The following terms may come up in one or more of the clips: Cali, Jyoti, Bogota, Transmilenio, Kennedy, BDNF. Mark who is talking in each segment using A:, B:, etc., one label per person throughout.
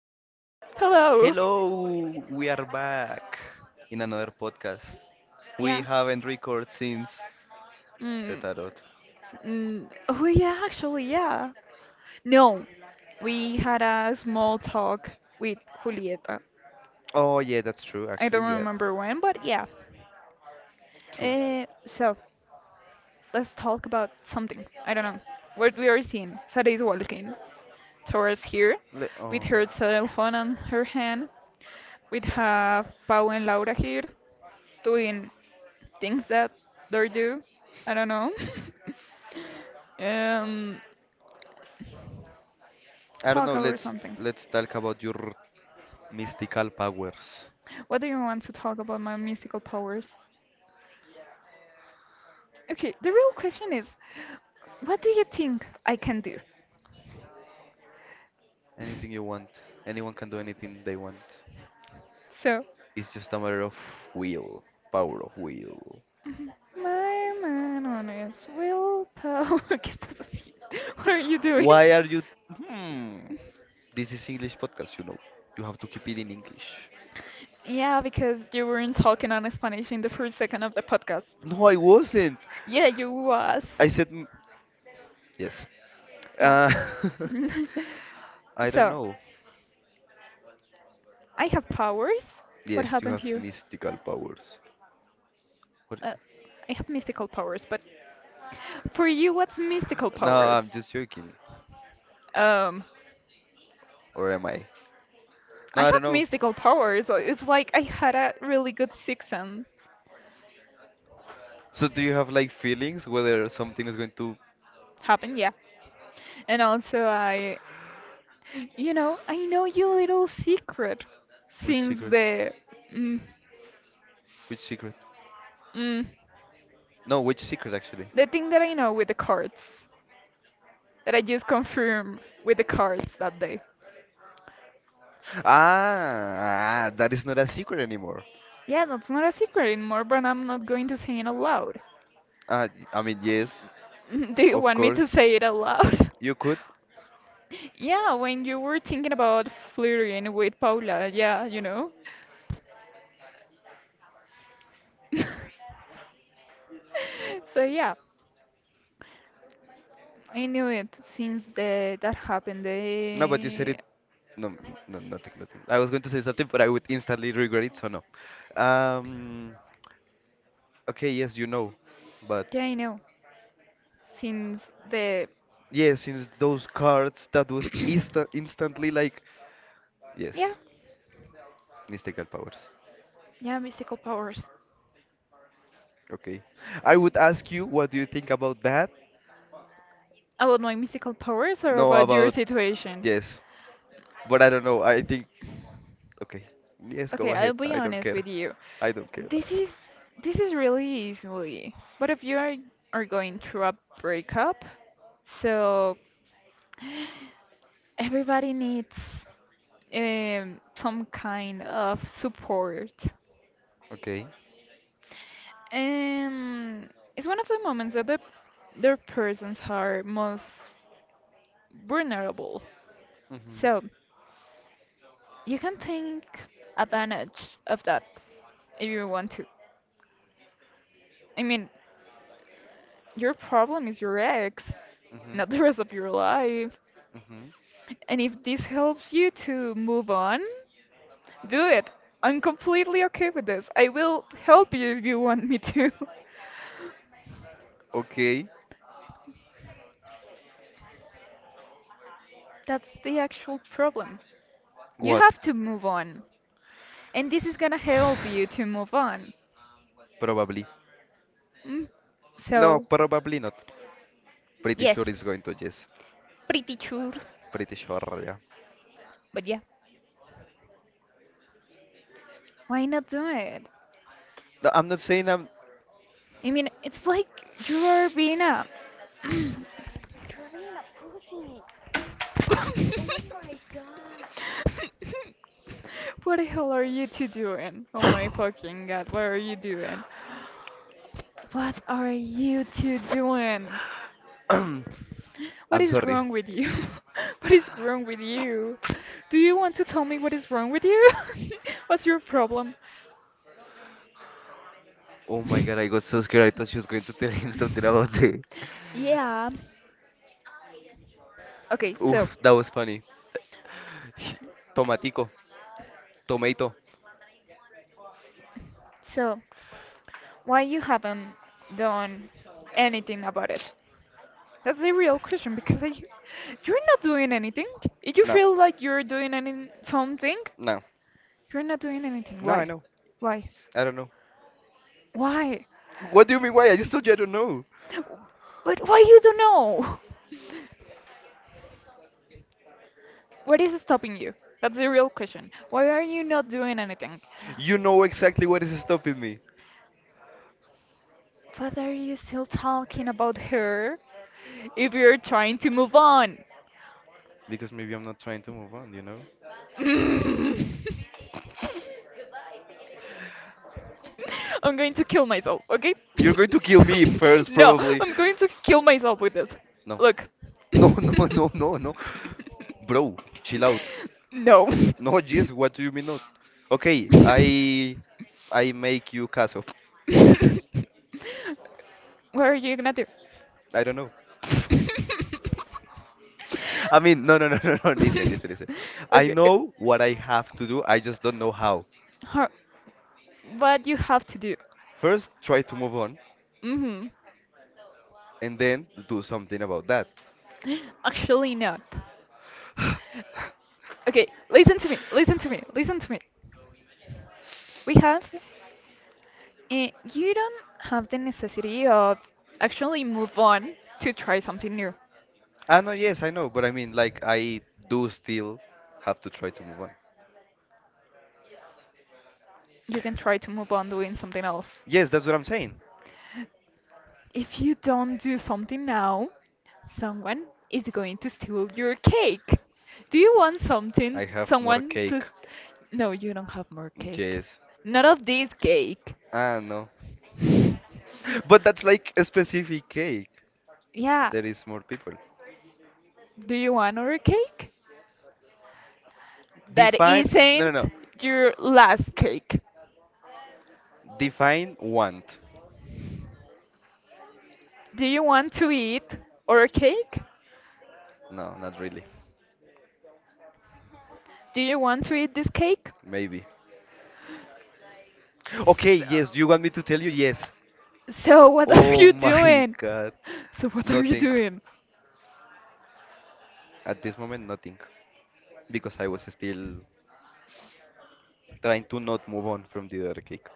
A: Hello.
B: Hello, we are back in another podcast. We haven't recorded since the
A: Mm,
B: tarot.
A: oh yeah, actually, yeah. No, we had a small talk with Julieta.
B: Oh yeah, that's true
A: I
B: actually.
A: don't
B: Yeah.
A: remember when, but yeah.
B: True.
A: So let's talk about something. I don't know. What we are seeing. Sara is walking towards here
B: Le
A: with
B: oh.
A: her cell phone on her hand. We have Pau and Laura here doing things that they do. I don't know. um,
B: I don't
A: Talk
B: know.
A: about
B: Let's
A: something.
B: let's talk about your mystical powers.
A: What do you want to talk about my mystical powers? Okay, the real question is, what do you think I can do?
B: Anything you want. Anyone can do anything they want.
A: So,
B: It's just a matter of will. Power of will.
A: my man on his willpower. ¿Qué estás haciendo? What are you doing?
B: Why are you? Hmm. This is English podcast, you know. You have to keep it in English.
A: Yeah, because you weren't talking on Spanish in the first second of the podcast.
B: No, I wasn't.
A: Yeah, you was.
B: I said, yes.
A: Yeah.
B: Uh, I don't
A: So,
B: know.
A: I have powers. What
B: Yes, you
A: happened
B: have
A: here?
B: mystical powers. What?
A: Uh, I have mystical powers, but for you, what's mystical
B: No,
A: powers?
B: I'm just joking.
A: Um,
B: Or am I? No,
A: I
B: I don't
A: have
B: know.
A: mystical powers. It's like I had a really good sixth sense
B: So do you have like feelings whether something is going to.
A: happen, yeah. And also, I You know, I know your little secret
B: Which
A: since
B: secret?
A: mm,
B: Which secret?
A: mm,
B: No, which secret actually?
A: the thing that I know with the cards that I just confirmed with the cards that day.
B: Ah, that is not a secret anymore.
A: Yeah, that's not a secret anymore, but I'm not going to say it out loud.
B: Uh, I mean, yes,
A: Do you
B: of
A: want me to
B: course.
A: say it out loud?
B: You could.
A: Yeah, when you were thinking about flirting with Paula, yeah, you know. So yeah, I knew it since the that happened.
B: No, but you said
A: The
B: it. No, no, nothing, nothing. I was going to say something, but I would instantly regret it, so no. Um, Okay, yes, but
A: yeah, I know since the
B: yes, since those cards that was instantly like yes,
A: yeah
B: mystical powers.
A: Yeah, mystical powers.
B: Okay, I would ask you what do you think about that?
A: About my mystical powers or
B: No,
A: about your
B: about
A: situation?
B: yes, but I don't know. I think okay, yes, go
A: Okay, I'll
B: ahead.
A: be
B: I don't
A: honest
B: care.
A: with you.
B: I don't care.
A: This is this is really easily. But if are going through a breakup, so everybody needs some kind of support.
B: Okay.
A: And it's one of the moments that their persons are most vulnerable.
B: Mhm,
A: So you can take advantage of that if you want to. I mean, your problem is your ex,
B: mhm,
A: not the rest of your life.
B: mhm.
A: And if this helps you to move on, do it. I'm completely okay with this. I will help you if you want me to.
B: Okay,
A: That's the actual problem. You
B: what?
A: have to move on. And this is gonna help you to move on.
B: Probably.
A: Mm,
B: No,
A: So,
B: probably not. Pretty
A: yes,
B: sure it's going to yes.
A: pretty sure.
B: Pretty sure, yeah.
A: But yeah. Why not do it?
B: No, I'm not saying I'm.
A: I mean, it's like you are being a. What the hell are you two doing? Oh my fucking god, what are you doing? What are you two doing? What
B: I'm
A: is
B: sorry.
A: wrong with you? What is wrong with you? Do you want to tell me what is wrong with you? What's your problem?
B: Oh my god, I got so scared. I thought she was going to tell him something about the.
A: Yeah. Okay, so
B: Oof, that was funny. Tomatico. Tomato.
A: so why you haven't done anything about it? That's the real question because you're not doing anything. If you
B: No,
A: feel like you're doing any something,
B: no,
A: you're not doing anything.
B: no, I
A: Why?
B: know.
A: Why?
B: I don't know.
A: Why?
B: What do you mean why? I just told you I don't know.
A: But why you don't know? What is stopping you? That's the real question. Why are you not doing anything?
B: You know exactly what is stopping me.
A: What are you still talking about her? If you're trying to move on.
B: Because maybe I'm not trying to move on, you know?
A: I'm going to kill myself, okay?
B: You're going to kill me first,
A: No,
B: probably.
A: I'm going to kill myself with this.
B: No.
A: Look.
B: No, no, no, no, no. Bro, chill out.
A: No.
B: No, jeez, what do you mean not? Okay, I make you caso.
A: What are you gonna do?
B: I don't know. I mean, no, no, no, no, no. Listen, listen, listen. I
A: Okay.
B: know what I have to do. I just don't know how.
A: Har- What you have to do?
B: First, try to move on,
A: Hmm.
B: and then do something about that.
A: Actually, not. Okay, listen to me, listen to me, listen to me. We have, you don't have the necessity of actually move on to try something new.
B: I know, yes, I know, but I mean, like, I do still have to try to move on.
A: You can try to move on doing something else.
B: Yes, that's what I'm saying.
A: If you don't do something now, someone is going to steal your cake. Do you want something,
B: I have more
A: someone to.
B: cake.
A: S- No, you don't have more cake.
B: Yes.
A: Not of this cake.
B: Ah, no. But that's like a specific cake.
A: Yeah.
B: There is more people.
A: Do you want another cake? That
B: Define. No, no, no.
A: isn't your last cake.
B: Define want.
A: Do you want to eat our cake?
B: No, not really.
A: Do you want to eat this cake?
B: Maybe. Okay, yes, you want me to tell you? Yes.
A: So what are
B: Oh
A: you
B: my
A: doing?
B: god.
A: So what are you
B: Nothing.
A: doing?
B: At this moment, nothing. Because I was still trying to not move on from the other cake.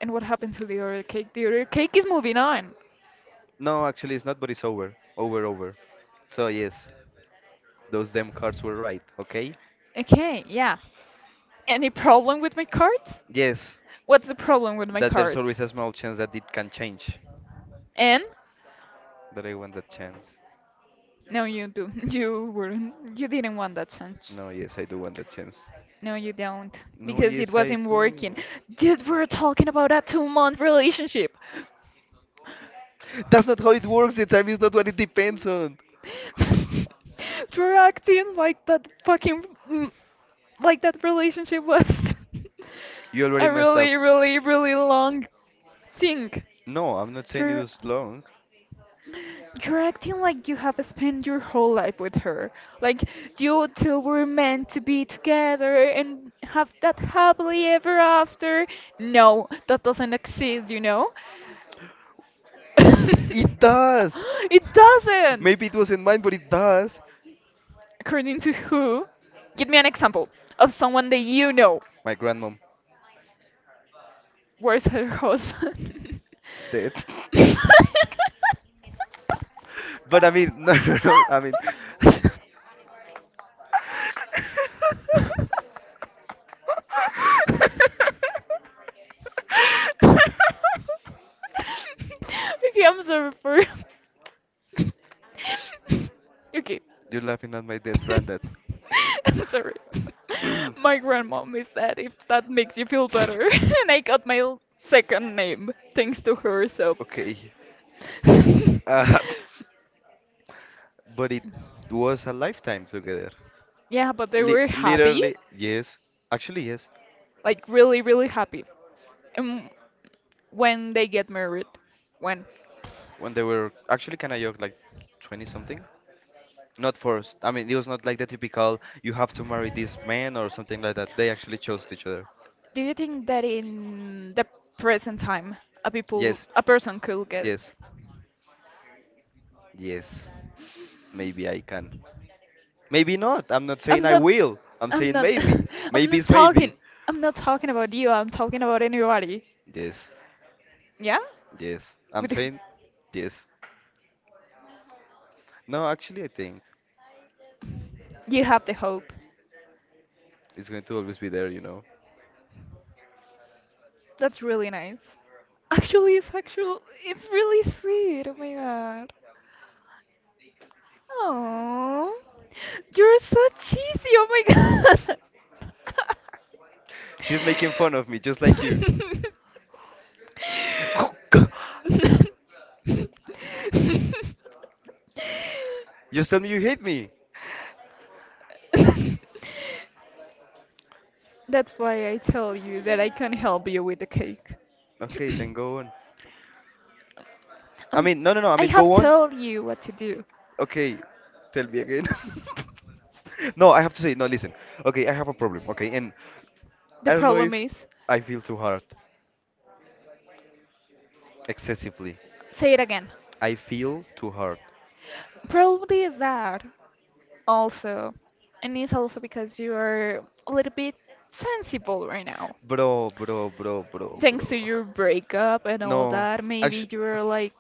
A: And what happened to the other cake? The other cake is moving on.
B: No, actually, it's not, but it's over. Over, over. So, yes, those damn cards were right, okay?
A: Okay, yeah. Any problem with my cards?
B: Yes,
A: What's the problem with my
B: that there's
A: cards?
B: always a small chance that it can change.
A: And
B: But I want that chance.
A: no, you do. You wouldn't. You didn't want that chance.
B: No, yes, I do want that chance.
A: No, you don't,
B: No,
A: because it
B: yes, I
A: wasn't
B: do.
A: working. Dude, we were talking about a 2-month relationship.
B: That's not how it works. The time is not what it depends on.
A: For acting like that fucking mm, like that relationship was
B: You already
A: a
B: messed up.
A: really long thing.
B: No, I'm not saying it
A: you're
B: was long.
A: you're acting like you have spent your whole life with her, like you two were meant to be together and have that happily ever after. No, that doesn't exist, you know.
B: It does.
A: It doesn't.
B: Maybe it wasn't mine, but it does.
A: According to who? Give me an example of someone that you know.
B: My grandmom
A: Where's her husband?
B: dead.
A: Okay,
B: But I mean, no, no, no. I mean,
A: I'm sorry for. Okay.
B: you're laughing at my dead granddad.
A: I'm sorry. My grandmom is that if that makes you feel better. And I got my second name thanks to her, so.
B: Okay. Uh, but it was a lifetime together.
A: Yeah, but they
B: Li
A: were happy.
B: literally, yes. Actually, yes.
A: Like, really, really happy. And when they get married, when?
B: When they were actually kind of young, like 20 something. Not forced. I mean, it was not like the typical you have to marry this man or something like that. They actually chose each other.
A: Do you think that in the present time,
B: Yes,
A: a person could get it?
B: yes, yes. Maybe I can. Maybe
A: I'm not.
B: not. I'm not saying
A: I'm
B: I
A: not saying maybe.
B: will. I'm
A: I'm
B: saying
A: not
B: maybe. Maybe
A: not.
B: is
A: Talking.
B: maybe.
A: I'm not talking about you. I'm talking about anybody.
B: Yes,
A: Yeah.
B: yes. I'm
A: With the-
B: saying yes. No, actually, I think
A: you have the hope.
B: it's going to always be there.
A: That's really nice. Actually, it's actual. It's really sweet. Oh my god. Oh, you're so cheesy. Oh my god.
B: She's making fun of me, just like you. Just tell me you hate me.
A: That's why I tell you that I can help you with the cake.
B: Okay, then go on. I
A: Um,
B: mean, no, no, no. I
A: I
B: mean,
A: have
B: go on.
A: told you what to do.
B: Okay, tell me again. No, I have to say, no, listen. Okay, I have a problem, okay? And
A: The
B: I don't know
A: problem
B: if
A: is,
B: I feel too hard excessively.
A: say it again.
B: I feel too hard.
A: Probably is that. Also, and it's also because you are a little bit sensible right now
B: Bro, bro, bro, bro,
A: thanks
B: bro.
A: to your breakup and all
B: No,
A: that, maybe
B: actually,
A: you're like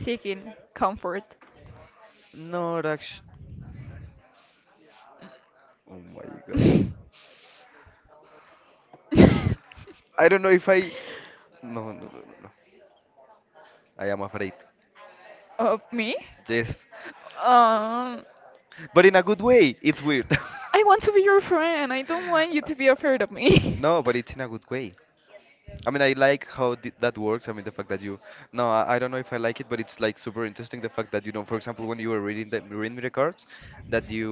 A: seeking comfort
B: no, actually. Oh my god. I don't know if I. No, no, no, no, no. I am afraid.
A: of me.
B: Yes.
A: um
B: But in a good way. It's weird.
A: I want to be your friend, I don't want you to be afraid of me.
B: No, but it's in a good way. I mean, I like how th that works. I mean, the fact that you. No, I don't know if I like it, but it's like super interesting the fact that for example, when you were reading the cards, that you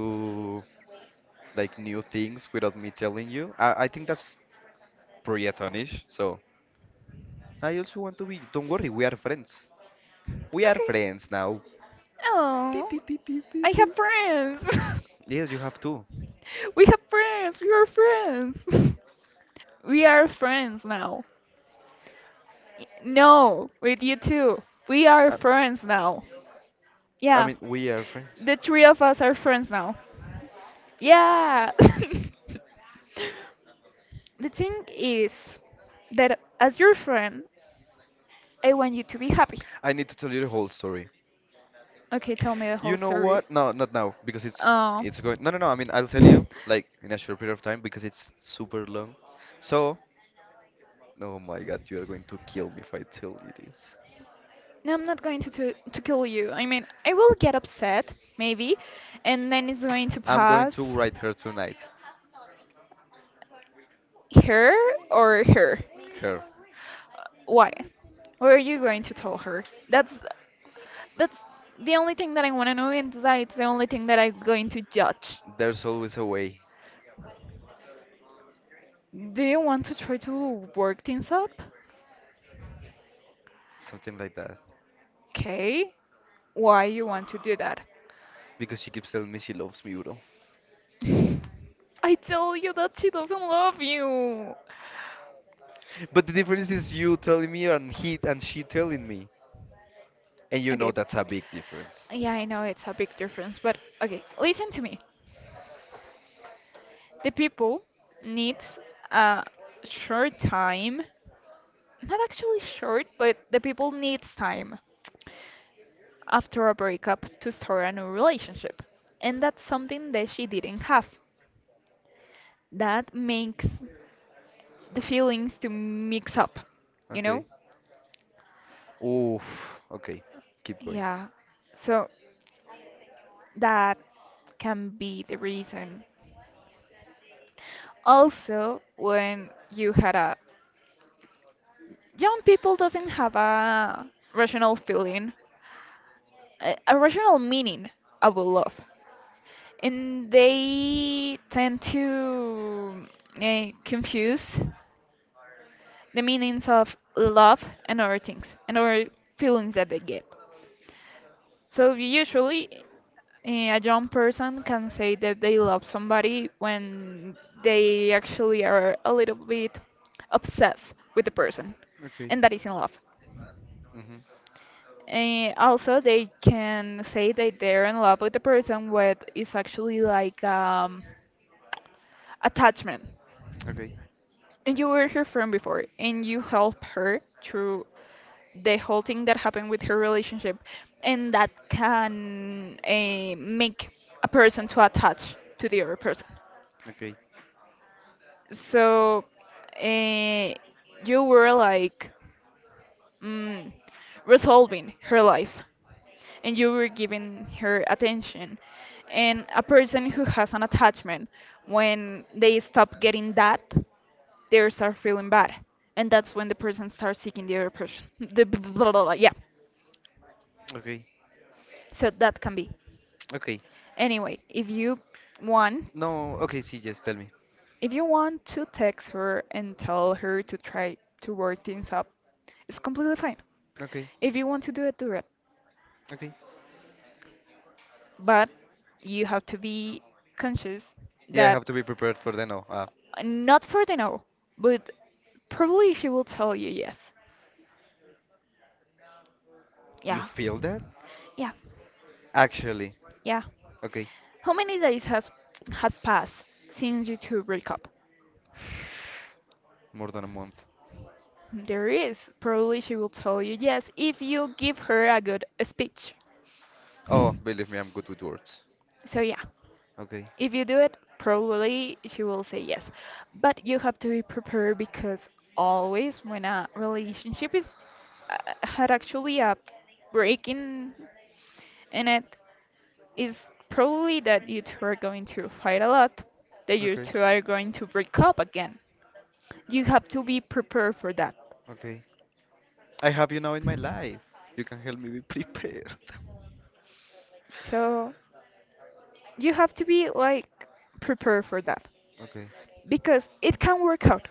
B: like knew things without me telling you. I think that's pretty astonishing. So I also want to be. Don't worry, we are friends. We are
A: Okay,
B: friends now. Beep,
A: oh,
B: beep, beep, beep,
A: I
B: beep,
A: have
B: beep.
A: friends.
B: Yes, you have to.
A: We have friends, we are friends. We are friends now. No, with you too. We are
B: I,
A: friends now.
B: I
A: Yeah,
B: mean, we are friends.
A: the three of us are friends now. Yeah. The thing is that as your friend, I want you to be happy.
B: I need to tell you the whole story.
A: Okay, tell me the
B: You
A: whole
B: know
A: story.
B: what? No, not now, because it's
A: Oh.
B: it's going. No, no, no. I mean, I'll tell you like in a short period of time because it's super long. So, oh my God, you are going to kill me if I tell you this.
A: No, I'm not going to, to kill you. I mean, I will get upset maybe, and then it's going to
B: I'm going to
A: pass.
B: write her tonight.
A: Her or her?
B: Her.
A: Why? What are you going to tell her? That's that's the only thing that I want to know, and that's the only thing that I'm going to judge.
B: There's always a way.
A: Do you want to try to work things up?
B: Something like that.
A: Okay. Why you want to do that?
B: Because she keeps telling me she loves me, bro.
A: I tell you that she doesn't love you.
B: But the difference is you telling me and he and she telling me. And you know
A: Okay.
B: that's a big difference.
A: Yeah, I know it's a big difference, but okay, listen to me. The people needs a short time. Not actually short, but the people needs time after a breakup to start a new relationship. And that's something that she didn't have. That makes the feelings to mix up, you
B: Okay.
A: know?
B: Oof. Okay, keep going.
A: Yeah. So that can be the reason. Also, when you had a young people doesn't have a rational feeling, a rational meaning about love, and they tend to confuse the meanings of love and other things and other feelings that they get. So usually a young person can say that they love somebody when they actually are a little bit obsessed with the person,
B: Okay.
A: and that is in love.
B: Hmm.
A: Eh, also, they can say that they're in love with the person, what is actually like attachment.
B: Okay.
A: And you were her friend before, and you helped her through the whole thing that happened with her relationship, and that can make a person to attach to the other person.
B: Okay.
A: So uh, you were like mm, resolving her life and you were giving her attention. And a person who has an attachment, when they stop getting that, they start feeling bad. And that's when the person starts seeking the other person. The blah, blah, blah, blah, blah, yeah.
B: Okay.
A: So that can be.
B: Okay.
A: Anyway, want,
B: No. Okay. See. Yes. Tell me.
A: if you want to text her and tell her to try to work things up, it's completely fine.
B: Okay.
A: If you want to do it, do it.
B: Okay.
A: But you have to be conscious
B: Yeah. I
A: that
B: have to be prepared for the no.
A: not for the no, but probably she will tell you yes.
B: You
A: Yeah.
B: feel that?
A: Yeah.
B: Actually.
A: Yeah.
B: Okay.
A: How many days has had passed since you two break up?
B: More than a month.
A: There is. Probably she will tell you yes if you give her a good speech.
B: Oh, believe me, I'm good with words.
A: So yeah.
B: Okay.
A: If you do it, probably she will say yes. But you have to be prepared because always when a relationship is uh, had actually a break in it, is probably that you two are going to fight a lot, that you
B: Okay.
A: two are going to break up again. You have to be prepared for that.
B: Okay. I have you now in my life. You can help me be prepared.
A: So you have to be like prepared for that
B: Okay.
A: because it can work out,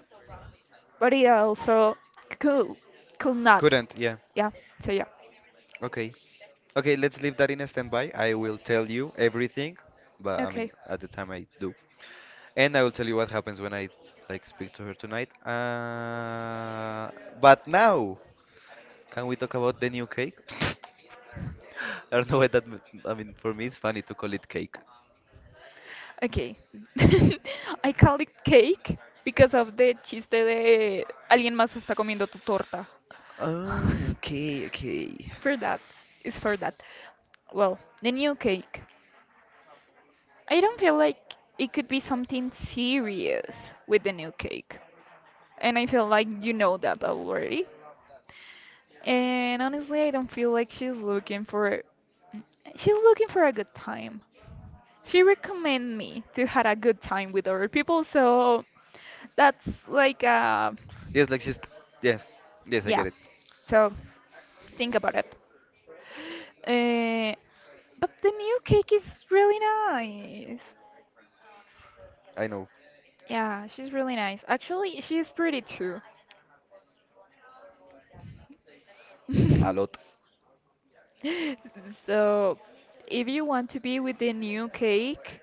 A: but it also could could not.
B: Couldn't. Yeah.
A: Yeah. So yeah.
B: Okay. Okay. Let's leave that in a standby. I will tell you everything, but I mean,
A: Okay.
B: at the time I do. And I will tell you what happens when I like speak to her tonight. But now, can we talk about the new cake? I don't know why that. I mean, for me, it's funny to call it cake.
A: Okay. I call it cake because of the chiste de alguien más está comiendo tu torta.
B: Oh, okay, okay.
A: For that. It's for that. Well, the new cake. I don't feel like it could be something serious with the new cake. And I feel like you know that already. And honestly, I don't feel like she's looking for a good time. She recommended me to had a good time with other people, so that's like
B: Yes, like she's. Yes, yes, I
A: yeah.
B: get it.
A: So think about it. Uh, but the new cake is really nice.
B: I know
A: Yeah, she's really nice. Actually, she's pretty too.
B: a lot.
A: So, if you want to be with the new cake,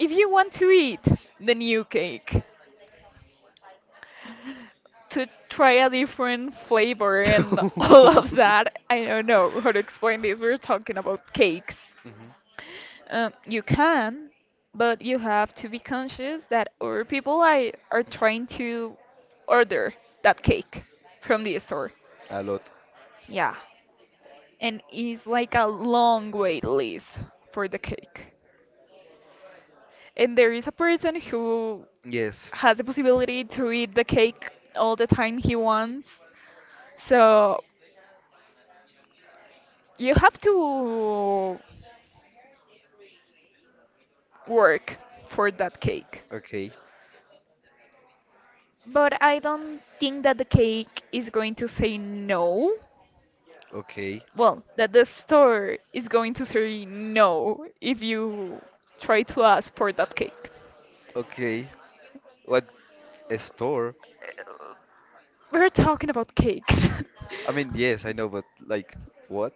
A: if you want to eat the new cake, to try a different flavor and all of that. I don't know how to explain this. We're talking about cakes.
B: Mhm.
A: You can, but you have to be conscious that other people I are trying to order that cake from the store.
B: A lot.
A: Yeah. And it's like a long wait list for the cake. And there is a person who
B: Yes.
A: has the possibility to eat the cake all the time he wants. So you have to work for that cake.
B: Okay.
A: But I don't think that the cake is going to say no.
B: Okay.
A: Well, that the store is going to say no if you try to ask for that cake.
B: Okay. What a store?
A: Uh, We're talking about cakes.
B: I mean, yes, I know, but like, what?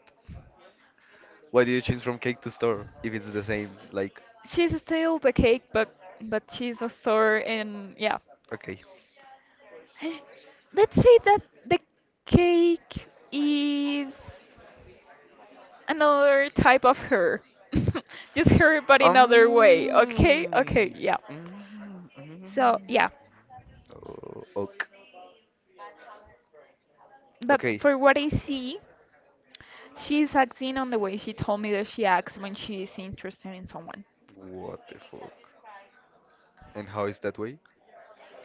B: Why do you change from cake to store if it's the same? Like,
A: She's still the cake, but she's a store, and yeah.
B: okay.
A: Let's say that the cake is another type of hair. Just hair, but another way. Okay, okay,
B: Um.
A: yeah.
B: Mm, mm.
A: So
B: Mm.
A: yeah,
B: Oh, ok.
A: but
B: Okay.
A: for what I see, she's acting on the way she told me that she acts when she is interested in someone.
B: What the fuck? And how is that way?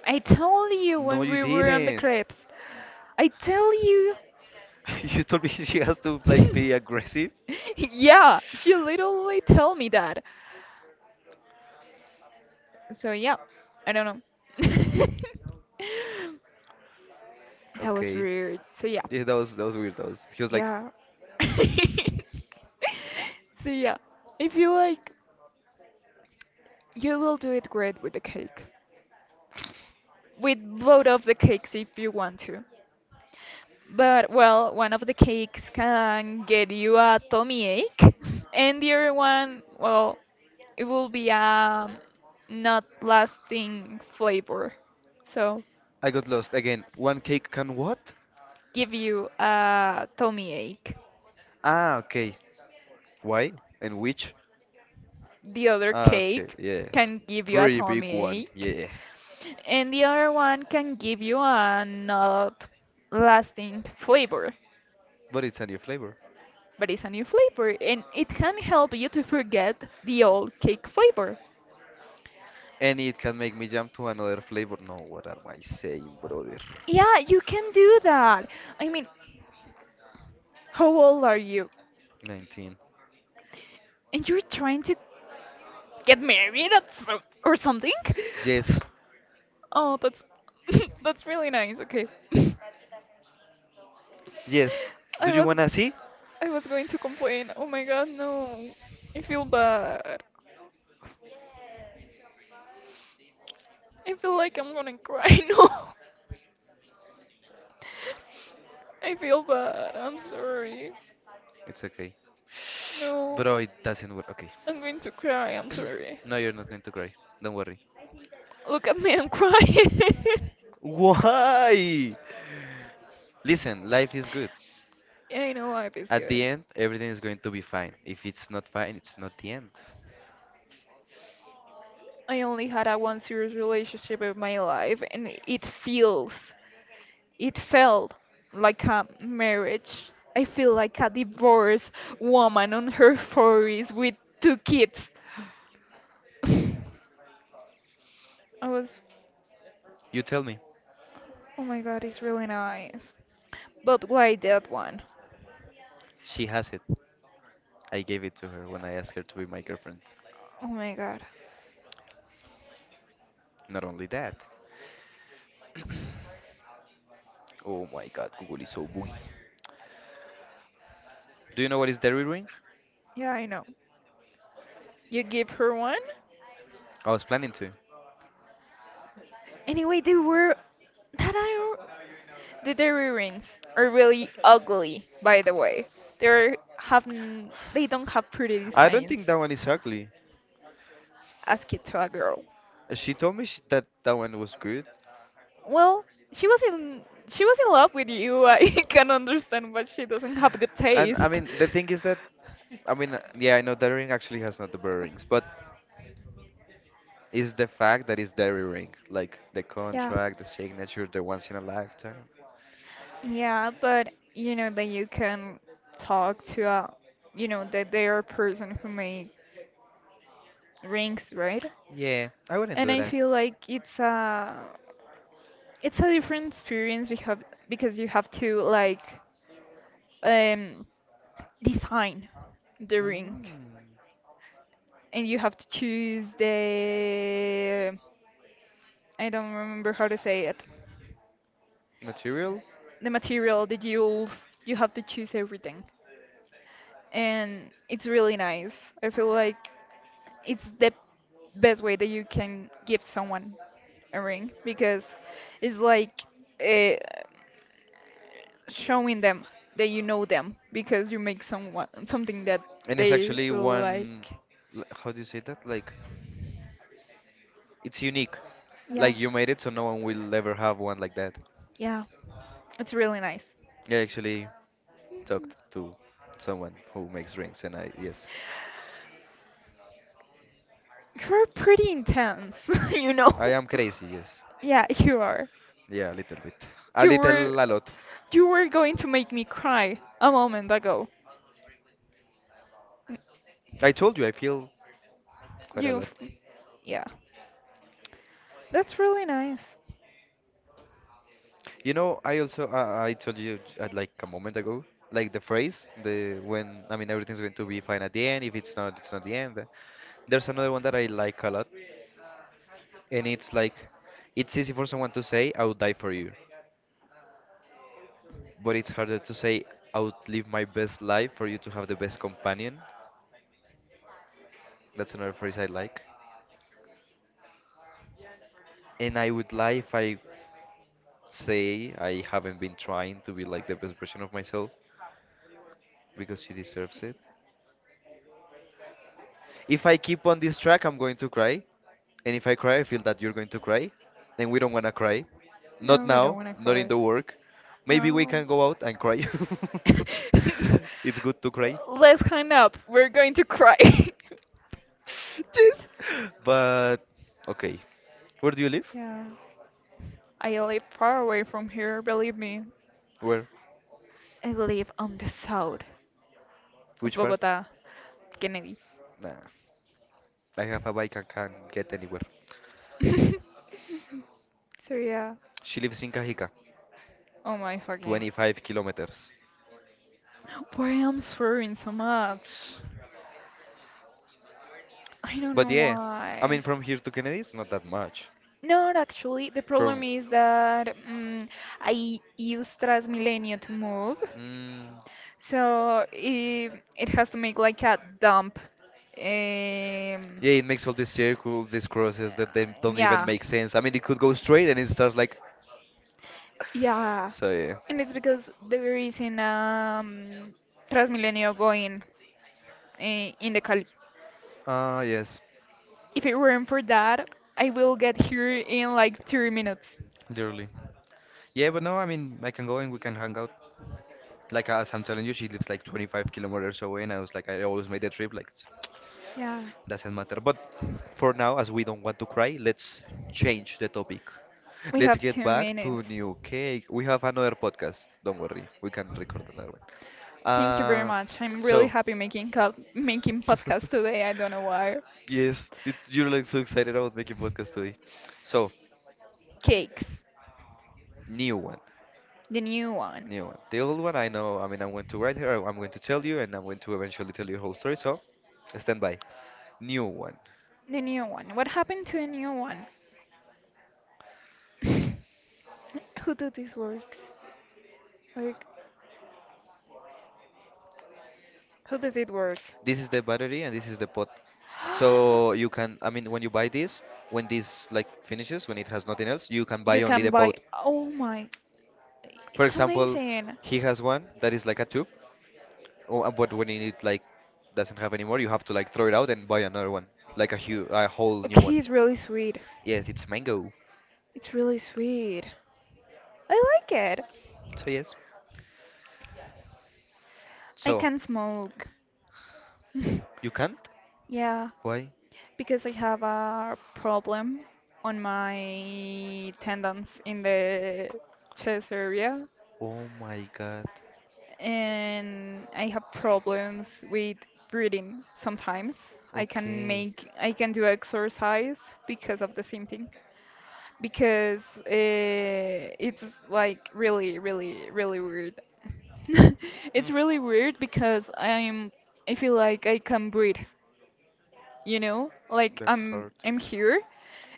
A: I told you
B: No,
A: when
B: you
A: we were on the
B: didn't.
A: crepes. I tell you.
B: You told me she has to like be aggressive.
A: Yeah, she literally told me that. So yeah, I don't know. That was
B: Okay.
A: weird. So yeah.
B: Yeah, that was weird. That was he was like,
A: Yeah. So yeah, if you like, you will do it great with the cake. With both of the cakes if you want to. But well, one of the cakes can get you a tummy ache, and the other one, well, it will be a not lasting flavor. So
B: I got lost again. One cake can what?
A: give you a tummy ache.
B: Ah, okay. Why? And which?
A: The other
B: Ah, okay.
A: cake
B: Yeah.
A: can give you a
B: Pretty big
A: tummy
B: one.
A: ache,
B: Yeah.
A: and the other one can give you a not lasting flavor,
B: But it's a new flavor.
A: but it's a new flavor, and it can help you to forget the old cake flavor.
B: And it can make me jump to another flavor. No, what am I saying, brother?
A: Yeah, you can do that. I mean, how old are you?
B: 19.
A: And you're trying to get married at or something?
B: Yes.
A: Oh, that's that's really nice. Okay.
B: Yes.
A: I
B: Do you
A: was
B: wanna see?
A: I was going to complain. Oh my god, no. I feel bad. I feel like I'm gonna cry. No. I feel bad. I'm sorry.
B: It's okay.
A: No.
B: Bro, it doesn't work. Okay.
A: I'm going to cry. I'm sorry.
B: No, you're not going to cry. Don't worry.
A: Look at me, I'm crying.
B: Why? Listen, life is good.
A: Yeah, I know life is
B: At
A: good.
B: the end, everything is going to be fine. If it's not fine, it's not the end.
A: I only had a one serious relationship in my life and it feels it felt like a marriage. I feel like a divorced woman on her 40s with two kids. I was,
B: You tell me.
A: oh my god, it's really nice. But why that one?
B: She has it. I gave it to her when I asked her to be my girlfriend.
A: Oh my god.
B: Not only that. Oh my god, Google is so boogie. Do you know what is dairy ring?
A: Yeah, I know. You give her one?
B: I was planning to.
A: Anyway, they were. That I. The dairy rings are really ugly, by the way. They have. They don't have pretty
B: I don't
A: designs.
B: think that one is ugly.
A: Ask it to a girl.
B: She told me sh that that one was good.
A: Well, she was in love with you. I can understand, but she doesn't have good
B: And I
A: taste.
B: mean, the thing is that, I mean, yeah, I know that ring actually has not the bearings, but is the fact that it's dairy ring, like the contract, the signature, the once in a lifetime.
A: Yeah, but you know that you can talk to a, you know that they are a person who make rings, right?
B: Yeah, I wouldn't
A: And
B: do
A: I
B: that.
A: feel like it's a different experience because you have to like um, design the ring,
B: Mm,
A: and you have to choose the I don't remember how to say it,
B: material,
A: the material, the jewels. You have to choose everything, and it's really nice. I feel like it's the best way that you can give someone a ring because it's like uh, showing them that you know them because you make someone something that
B: and it's
A: they
B: actually
A: will
B: one.
A: like.
B: How do you say that? Like it's unique.
A: Yeah.
B: Like you made it, so no one will ever have one like that.
A: Yeah, it's really nice.
B: I actually talked to someone who makes rings, and I yes,
A: You're pretty intense, you know.
B: I am crazy. Yes,
A: Yeah, you are.
B: yeah, a little bit, a
A: You were
B: little, a lot.
A: you were going to make me cry a moment ago. N-
B: I told you I feel quite a
A: You
B: lot.
A: f- yeah. That's really nice.
B: You know, I told you at like a moment ago, like the phrase, the when I mean everything's going to be fine at the end. If it's not, it's not the end. There's another one that I like a lot, and it's like it's easy for someone to say I would die for you, but it's harder to say I would live my best life for you to have the best companion. That's another phrase I like. And I would lie if I say I haven't been trying to be like the best version of myself because she deserves it. If I keep on this track, I'm going to cry. And if I cry, I feel that you're going to cry, and we don't want to cry. Not
A: No, I don't
B: now,
A: want to
B: not
A: cry.
B: in the work. Maybe we
A: No.
B: can go out and cry. It's good to cry.
A: Let's hang up. We're going to cry.
B: Yes. But okay. Where do you live?
A: Yeah. I live far away from here, believe me.
B: Where?
A: I live on the south.
B: Which part?
A: Bogota, Kennedy.
B: Nah. I have a bike and can get anywhere.
A: So yeah.
B: She lives in Cajica,
A: Oh my fucking.
B: 25 kilometers.
A: Why I'm swearing so much? I don't
B: But
A: know
B: yeah, I
A: why.
B: mean from here to Kennedy is not that much.
A: Not actually. The problem
B: From
A: is that I use Transmilenio to move,
B: mm,
A: so it has to make like a dump. Um,
B: yeah, it makes all these circles, these crosses that they don't even
A: yeah.
B: make sense. I mean, it could go straight and it starts like,
A: Yeah,
B: so yeah.
A: and it's because there is an Transmilenio going in the Cali.
B: Ah, yes,
A: If it weren't for that, I will get here in like 3 minutes.
B: literally. Yeah, but no, I mean, I can go and we can hang out. Like as I'm telling you, she lives like 25 kilometers away, and I was like, I always made the trip. Like,
A: Yeah,
B: doesn't matter. But for now, as we don't want to cry, let's change the topic.
A: we
B: Let's
A: have
B: get
A: two
B: back to
A: minutes.
B: new cake. We have another podcast. Don't worry, we can record another one.
A: Thank you very
B: Uh,
A: much. I'm really
B: so.
A: happy making making podcast today. I don't know why.
B: Yes, you're like so excited about making podcast today. So,
A: Cakes,
B: new one,
A: the new one,
B: new one. The old one I know. I mean, I'm going to write here. I'm going to tell you, and I'm going to eventually tell you the whole story. So, stand by. New one.
A: the new one. What happened to the new one? Who do these works? Like, who does it work?
B: This is the battery, and this is the pot. So you can. I mean, when you buy this, when this like finishes, when it has nothing else, you can buy
A: You
B: only
A: can
B: the
A: buy.
B: pot.
A: Oh my,
B: For
A: it's
B: example,
A: amazing.
B: he has one that is like a tube, oh, but when it like doesn't have anymore, you have to like throw it out and buy another one, like a whole new one.
A: Okay, it's really sweet.
B: Yes, it's mango.
A: It's really sweet. I like it.
B: So yes.
A: I
B: So
A: can smoke.
B: you can't?
A: Yeah,
B: Why?
A: because I have a problem on my tendons in the chest area.
B: Oh my god.
A: And I have problems with breathing sometimes.
B: Okay.
A: I can do exercise because of the same thing. Because it's like really, really, really weird. It's
B: Mm,
A: really weird because I feel like I can breathe, you know like
B: that's hard.
A: I'm here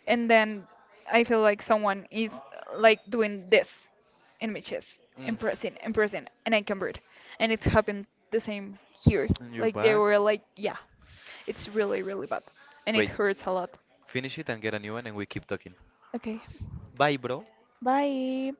A: and then I feel like someone is like doing this in my chest
B: Mm,
A: and pressing and pressing and I can breathe and it happened the same here
B: and you're
A: like they
B: back.
A: were like yeah it's really really bad and it
B: Wait.
A: hurts a lot.
B: Finish it and get a new one, and we keep talking.
A: Okay,
B: Bye, bro.
A: bye.